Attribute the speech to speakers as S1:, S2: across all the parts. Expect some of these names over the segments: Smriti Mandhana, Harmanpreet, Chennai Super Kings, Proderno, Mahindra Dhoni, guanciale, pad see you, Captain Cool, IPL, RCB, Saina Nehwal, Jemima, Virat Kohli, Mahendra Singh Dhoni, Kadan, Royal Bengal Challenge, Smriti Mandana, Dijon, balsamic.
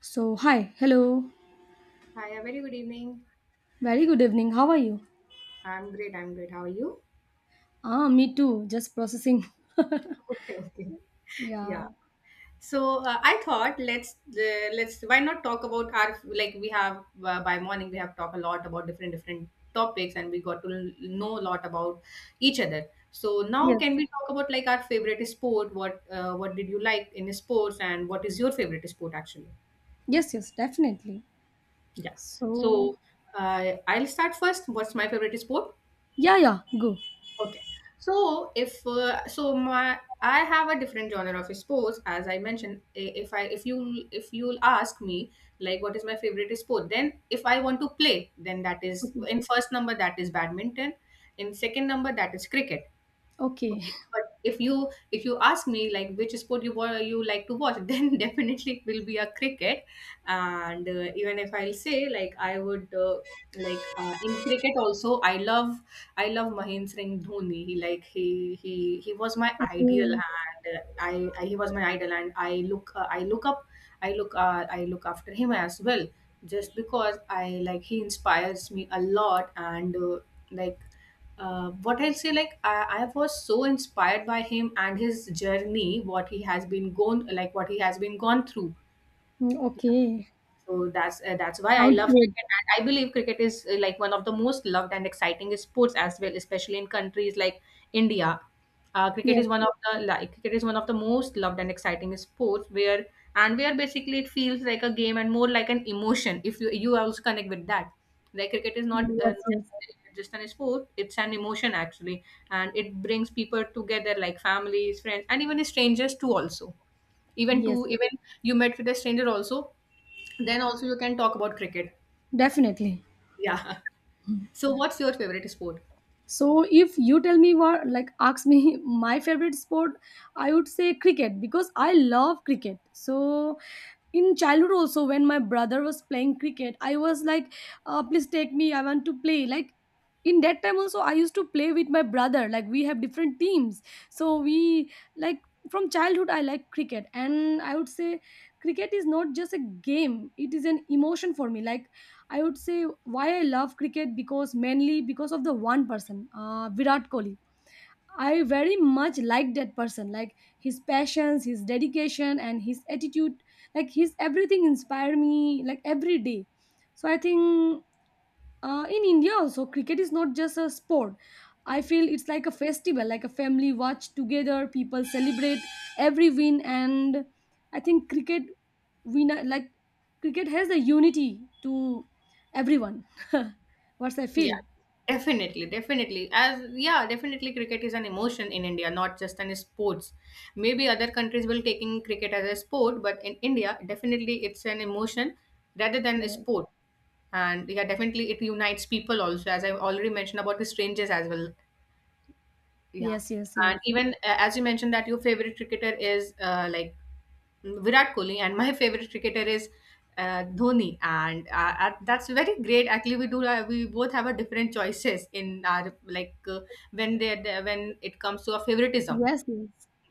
S1: So, hi, hello.
S2: Hi, a very good evening.
S1: Very good evening. How are you?
S2: I'm great. I'm great. How are you?
S1: Ah, me too. Just processing.
S2: Okay, okay. Yeah.
S1: Yeah.
S2: So I thought let's why not talk about our like we have by morning we have talked a lot about different topics, and we got to know a lot about each other. So now
S1: Yes.
S2: can we talk about like our favorite sport? What did you like in sports, and what is your favorite sport actually?
S1: Yes, yes, definitely.
S2: Yeah.
S1: So,
S2: So I'll start first. What's my favorite sport?
S1: yeah, yeah, go.
S2: Okay. So if so my I have a different genre of sports. As I mentioned, if I if you if you'll ask me like what is my favorite sport, then if I want to play, then that is
S1: Okay.
S2: in first number, that is badminton, in second number, that is cricket.
S1: Okay.
S2: Okay, but if you ask me like which sport you like to watch, then definitely it will be a cricket. And even if I'll say like I would like in cricket also, I love Mahendra Singh Dhoni. He like he was my ideal,
S1: Okay.
S2: and I, he was my idol, and I look up, I look after him as well, just because I like he inspires me a lot and. Like what I'll say, like I was so inspired by him and his journey, what he has been gone, like what he has been gone through.
S1: Mm, okay.
S2: So that's why I
S1: Sounds
S2: love
S1: good.
S2: cricket. And I believe cricket is like one of the most loved and exciting sports as well, especially in countries like India. Cricket
S1: Yes.
S2: is one of the most loved and exciting sports where and where basically it feels like a game and more like an emotion. If you also connect with that, like cricket is not
S1: Yes, yes.
S2: just an sport; it's an emotion actually, and it brings people together like families, friends, and even strangers too. Also, even to
S1: Yes. Yes.
S2: even you met with a stranger also, then also you can talk about cricket.
S1: Definitely.
S2: Yeah. So what's your favorite sport?
S1: So if you tell me what, like, ask me my favorite sport, I would say cricket because I love cricket. So in childhood also, when my brother was playing cricket, I was like, please take me, I want to play. Like, in that time also I used to play with my brother, like we have different teams, so we, like, from childhood I like cricket, and I would say cricket is not just a game, it is an emotion for me. Like I would say why I love cricket, because mainly because of the one person, Virat Kohli. I very much like that person, like his passions, his dedication, and his attitude. Like his everything inspire me, like every day. So I think, in India also, cricket is not just a sport. I feel it's like a festival, like a family watch together. People celebrate every win, and I think cricket, we not, like cricket has the unity to everyone. What's I feel?
S2: Yeah. Definitely, definitely. As yeah, definitely cricket is an emotion in India, not just an sports. Maybe other countries will taking cricket as a sport, but in India, definitely it's an emotion rather than a
S1: Yeah.
S2: sport. And yeah, definitely it unites people also, as I've already mentioned about the strangers as well. Yeah.
S1: Yes. Yes. Yes.
S2: And even as you mentioned that your favorite cricketer is like Virat Kohli, and my favorite cricketer is Dhoni, and that's very great. Actually, we both have a different choices in our like when when it comes to a favoritism.
S1: Yes.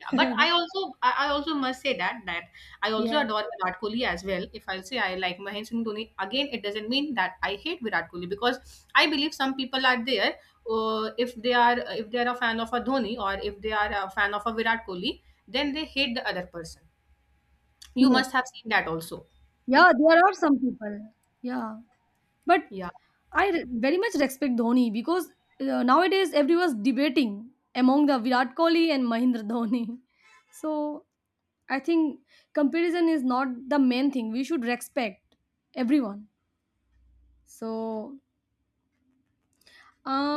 S2: Yeah, but I I also must say that I also
S1: Yeah. Yes.
S2: adore Virat Kohli as well. If I say I like Mahendra Singh Dhoni, again it doesn't mean that I hate Virat Kohli, because I believe some people are there. Uh, if they are if they are a fan of a Dhoni, or if they are a fan of a Virat Kohli, then they hate the other person. You must have seen that also.
S1: Yeah. There are some people. Yeah. But
S2: Yeah,
S1: I re- very much respect Dhoni, because nowadays everyone's debating among the Virat Kohli and Mahindra Dhoni. So I think comparison is not the main thing. We should respect everyone. So,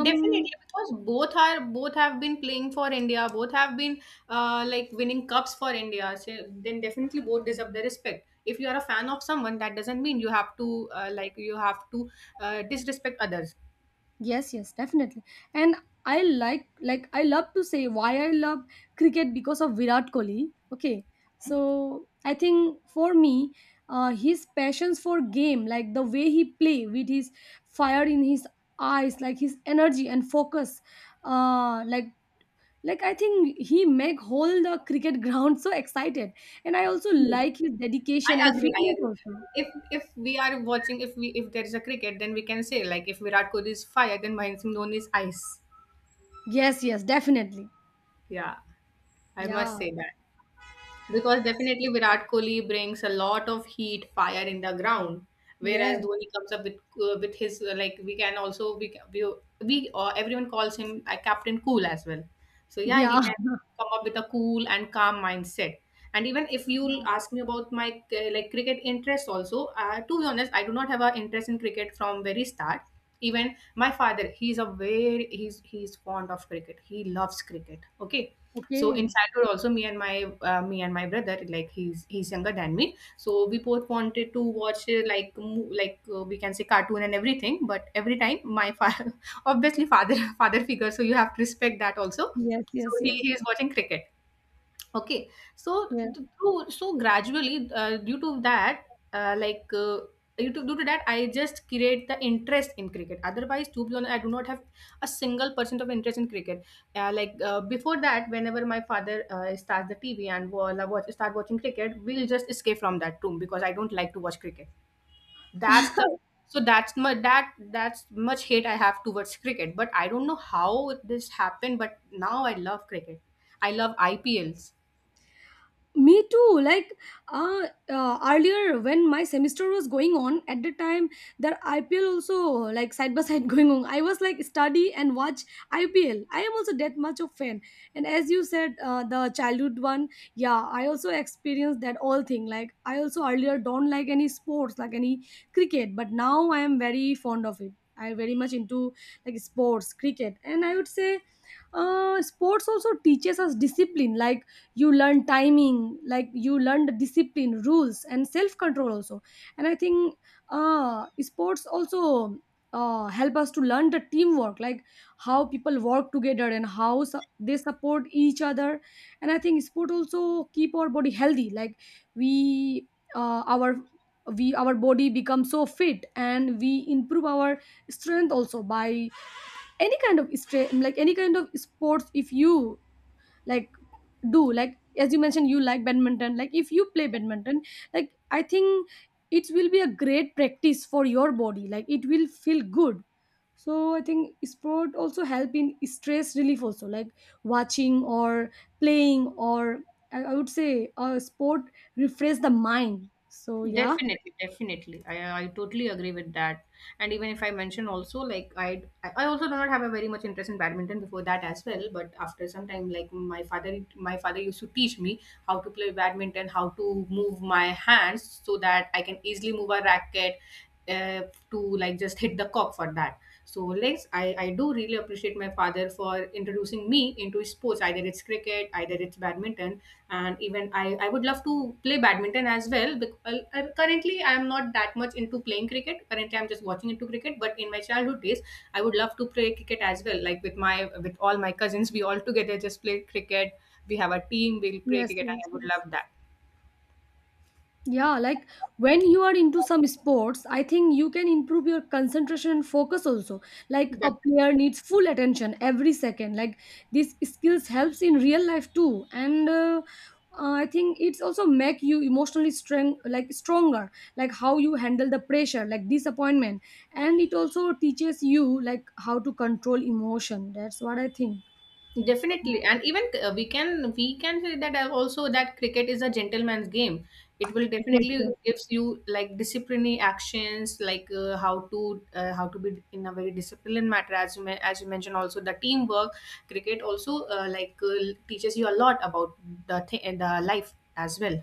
S2: definitely, because both are both have been playing for India, both have been like winning cups for India. So then definitely both deserve the respect. If you are a fan of someone, that doesn't mean you have to disrespect others.
S1: yes, yes, definitely. And I, like, I love to say why I love cricket because of Virat Kohli. Okay. So I think for me, his passions for game, like the way he play with his fire in his eyes, like his energy and focus, uh, like like I think he make whole the cricket ground so excited. And I also
S2: Hmm.
S1: like his dedication
S2: I
S1: and
S2: agree. I
S1: fitness
S2: agree.
S1: also.
S2: If we are watching, if there is a cricket, then we can say like if Virat Kohli is fire, then Mahendra Singh Dhoni is ice.
S1: Yes, yes, definitely.
S2: Yeah, I must
S1: Yeah.
S2: say that. Because definitely Virat Kohli brings a lot of heat, fire in the ground, whereas
S1: Yes.
S2: Dhoni comes up with his like we can also we ca- we everyone calls him Captain Cool as well. So yeah, he
S1: Yeah.
S2: can come up with a cool and calm mindset. And even if you'll ask me about my like cricket interest also, to be honest, I do not have an interest in cricket from very start. Even my father, he's fond of cricket. He loves cricket. Okay, so in
S1: Okay.
S2: childhood, also me and my brother, like he's younger than me, so we both wanted to watch we can say cartoon and everything. But every time my father, obviously father, father figure, so you have to respect that also.
S1: Yes,
S2: So
S1: yes, yes,
S2: he is watching cricket. Okay, so
S1: yes.
S2: through, so gradually due to that, uh, like uh, due to that, I just create the interest in cricket. Otherwise, to be honest, I do not have a single percent of interest in cricket. Before that, whenever my father starts the TV, and while I watch start watching cricket, we'll just escape from that room because I don't like to watch cricket. That's the that's my that's much hate I have towards cricket. But I don't know how this happened. But now I love cricket. I love IPLs.
S1: Me too, like earlier, when my semester was going on, at the time the IPL also, like, side by side going on, I was like study and watch IPL. I am also that much of fan. And as you said, the childhood one, yeah, I also experienced that all thing. Like I also earlier don't like any sports, like any cricket, but now I am very fond of it. I very much into, like, sports, cricket. And I would say sports also teaches us discipline, like you learn timing, like you learned discipline, rules, and self control also. And I think sports also help us to learn the teamwork, like how people work together and how su- they support each other. And I think sport also keep our body healthy, like we our we our body becomes so fit, and we improve our strength also by any kind of stre- like any kind of sports, if you like do, like, as you mentioned, you like badminton, like if you play badminton, like I think it will be a great practice for your body, like it will feel good. So I think sport also help in stress relief also, like watching or playing or, I would say, sport refresh the mind. So yeah.
S2: Definitely, definitely. I totally agree with that. And even if I mention also, like I also do not have a very much interest in badminton before that as well. But after some time, like my father used to teach me how to play badminton, how to move my hands so that I can easily move a racket uh, to like just hit the cock for that. So legs, I do really appreciate my father for introducing me into sports, either it's cricket, either it's badminton, and even I would love to play badminton as well, because currently I am not that much into playing cricket, currently I'm just watching into cricket, but in my childhood days I would love to play cricket as well, like with my with all my cousins we all together just play cricket, we have a team, we'll play
S1: Yes,
S2: cricket,
S1: yes,
S2: and I would
S1: yes.
S2: love that.
S1: Yeah, like, when you are into some sports, I think you can improve your concentration and focus also. Like
S2: Yeah.
S1: a player needs full attention every second. Like these skills helps in real life too. And I think it's also make you emotionally strong, like stronger. Like how you handle the pressure, like disappointment, and it also teaches you like how to control emotion. That's what I think. So
S2: Definitely, and even we can say that also that cricket is a gentleman's game. It will
S1: yes,
S2: definitely
S1: yes,
S2: gives you like disciplinary actions, like how to be in a very disciplined matter. As as you mentioned, also the teamwork. Cricket also teaches you a lot about the life as well.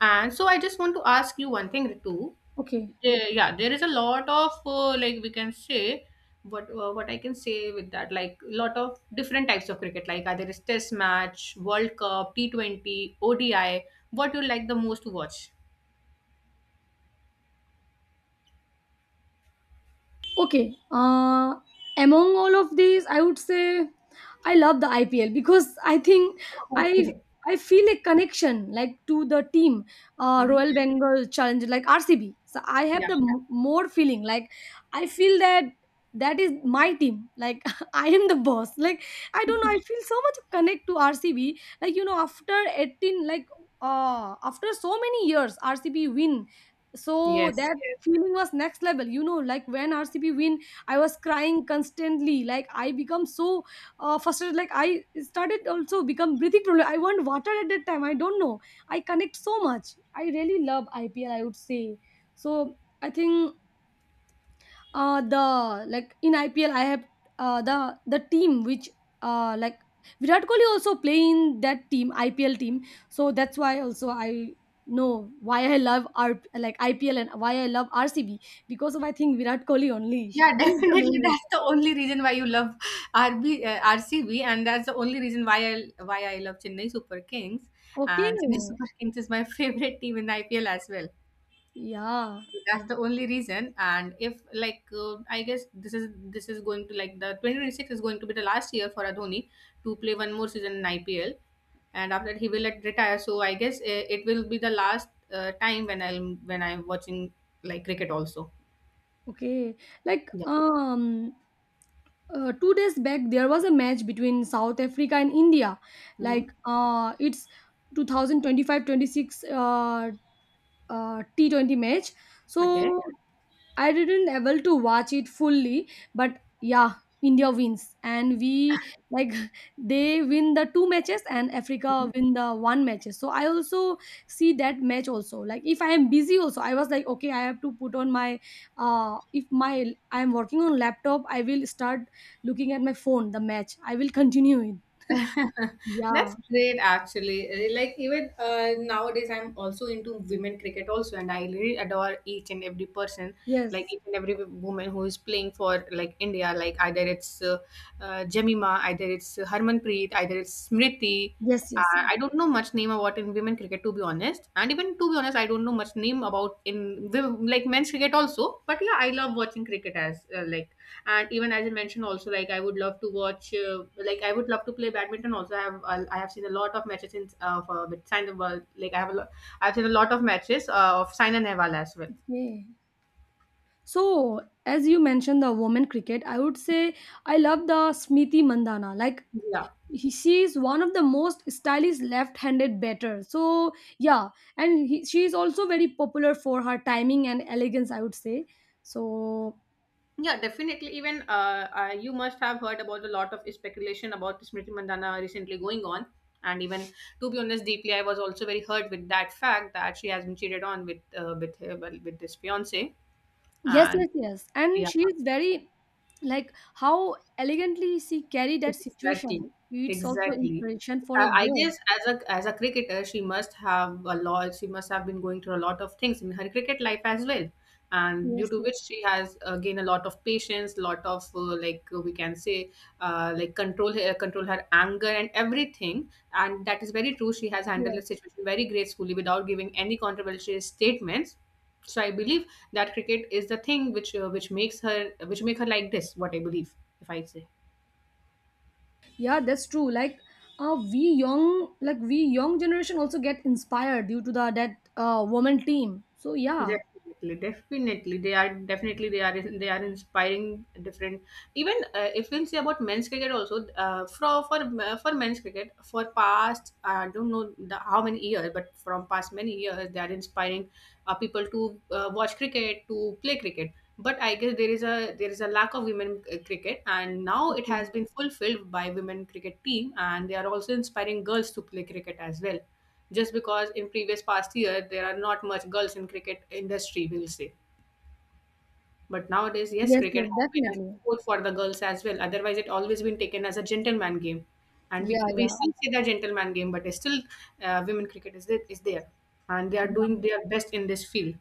S2: And so I just want to ask you one thing, Ritu,
S1: okay.
S2: yeah, yeah, there is a lot of like we can say what I can say with that, like lot of different types of cricket, like either is Test match, World Cup, T 20, ODI. What you like the most to watch?
S1: Okay. Among all of these, I would say I love the IPL, because I think I
S2: Okay.
S1: I feel a connection like to the team,
S2: Hmm.
S1: Royal Bengal Challenge, like RCB. So I have
S2: Yeah.
S1: the m- more feeling, like I feel that that is my team. Like I am the boss. Like I don't know, I feel so much connect to RCB. Like, you know, after 18, like after so many years, RCB win. So
S2: Yes,
S1: that
S2: yes.
S1: feeling was next level, you know, like when RCB win I was crying constantly, like I become so frustrated, like I started also become breathing problem, I want water at that time, I don't know, I connect so much. I really love IPL, I would say. So I think the, like, in IPL I have the team which like Virat Kohli also play in that team, IPL team, so that's why also I know why I love R, like IPL, and why I love RCB, because of, I think, Virat Kohli only, he is
S2: Yeah,
S1: the main
S2: definitely.
S1: reason.
S2: That's the only reason why you love RCB, and that's the only reason why I love Chennai Super Kings.
S1: Okay.
S2: And Chennai Super Kings is my favorite team in IPL as well.
S1: Yeah.
S2: That's the only reason. And if like I guess this is going to like the 2026 is going to be the last year for adhoni to play one more season in ipl, and after that he will, like, retire, so I guess it will be the last time when I'm watching like cricket also.
S1: Okay. Like,
S2: Yeah.
S1: 2 days back there was a match between South Africa and India.
S2: Hmm.
S1: Like, it's 2025, twenty-six, 26 T20 match.
S2: Okay.
S1: So I didn't able to watch it fully, but yeah, India wins, and we, like, they win the two matches and Africa win the one matches. So I also see that match also. Like, if I am busy also, I was like, okay, I have to put on my, if my, I am working on laptop, I will start looking at my phone the match, I will continue it.
S2: That's
S1: Yeah.
S2: great, actually. Like even nowadays, I'm also into women cricket also, and I really adore each and every person, like
S1: Yes.
S2: each and every woman who is playing for like India. Like either it's Jemima, either it's Harmanpreet, either it's Smriti.
S1: Yes. Yes. Yes.
S2: I don't know much name about in women cricket, to be honest, and even to be honest, I don't know much name about in like men's cricket also. But yeah, I love watching cricket as and even as I mentioned also, like I would love to watch like I would love to play badminton also, I have seen a lot of matches in with sign, like I've seen a lot of matches of Saina Nehwal as well.
S1: Okay. So as you mentioned, the women cricket, I would say I love the Smriti Mandhana. Like,
S2: Yeah,
S1: she is one of the most stylish left-handed batter. So yeah, and she is also very popular for her timing and elegance, I would say. So
S2: yeah, definitely. Even you must have heard about a lot of speculation about Smriti Mandana recently going on. And even to be honest, deeply, I was also very hurt with that fact that she has been cheated on with her, well, with this fiance.
S1: yes, yes,
S2: And
S1: yes, and
S2: yeah,
S1: she is very, like, how elegantly she carried that
S2: exactly,
S1: situation. It's also
S2: exactly.
S1: inspiration for a
S2: I
S1: girl.
S2: guess as a cricketer, she must have a lot. She must have been going through a lot of things in her cricket life as well, and due
S1: Yes,
S2: to
S1: yes,
S2: which she has gained a lot of patience, lot of we can say control her anger and everything. And that is very true. She has handled
S1: yes.
S2: the situation very gracefully without giving any controversial statements. So I believe that cricket is the thing which makes her, which make her like this. What I believe, if I say.
S1: Yeah, that's true. Like, we young, like we young generation also get inspired due to the that woman team. So yeah.
S2: Definitely, definitely they are inspiring different. Even if we'll say about men's cricket also, for men's cricket, for past I don't know the, how many years, but from past many years they are inspiring people to watch cricket, to play cricket. But I guess there is a lack of women cricket, and now it
S1: Okay.
S2: has been fulfilled by women cricket team, and they are also inspiring girls to play cricket as well, just because in previous past year there are not much girls in cricket industry, we'll say, but nowadays yes
S1: Yes, yes,
S2: cricket has been a
S1: definitely.
S2: sport for the girls as well, otherwise it always been taken as a gentleman game, and
S1: Yeah,
S2: we
S1: yeah,
S2: still see the gentleman game, but still women cricket is there, and they are doing
S1: yeah.
S2: their best in this field.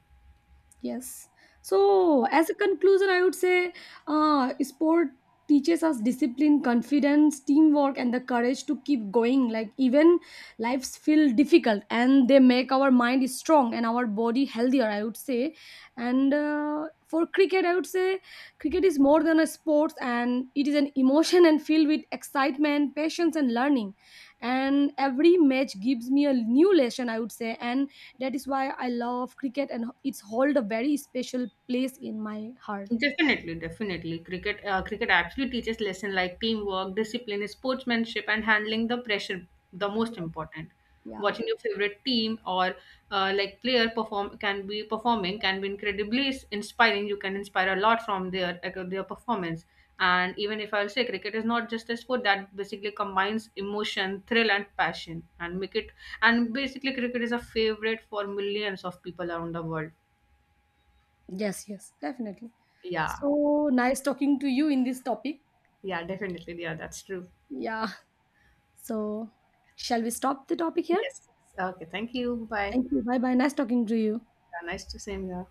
S1: Yes. So, as a conclusion, I would say sport teaches us discipline, confidence, teamwork, and the courage to keep going. Like, even lives feel difficult, and they make our mind strong and our body healthier, I would say. And for cricket, I would say cricket is more than a sport, and it is an emotion and filled with excitement, patience, and learning. And every match gives me a new lesson, I would say. And that is why I love cricket, and it's hold a very special place in my heart.
S2: Definitely, definitely. Cricket, cricket actually teaches lesson like teamwork, discipline, sportsmanship, and handling the pressure. The
S1: Yes.
S2: most important.
S1: Yeah.
S2: Watching your favorite team or player performing can be incredibly inspiring. You can inspire a lot from their like, their performance. And even if I'll say cricket is not just a sport, that basically combines emotion, thrill, and passion, and make it and basically cricket is a favorite for millions of people around the world.
S1: Yes, yes, definitely.
S2: Yeah,
S1: So, nice talking to you in this topic.
S2: yeah, definitely. Yeah, that's true.
S1: Yeah. So shall we stop the topic here?
S2: Yes. Okay. Thank you. Bye.
S1: Thank you. Bye bye. Nice talking to you.
S2: Yeah, nice to see you.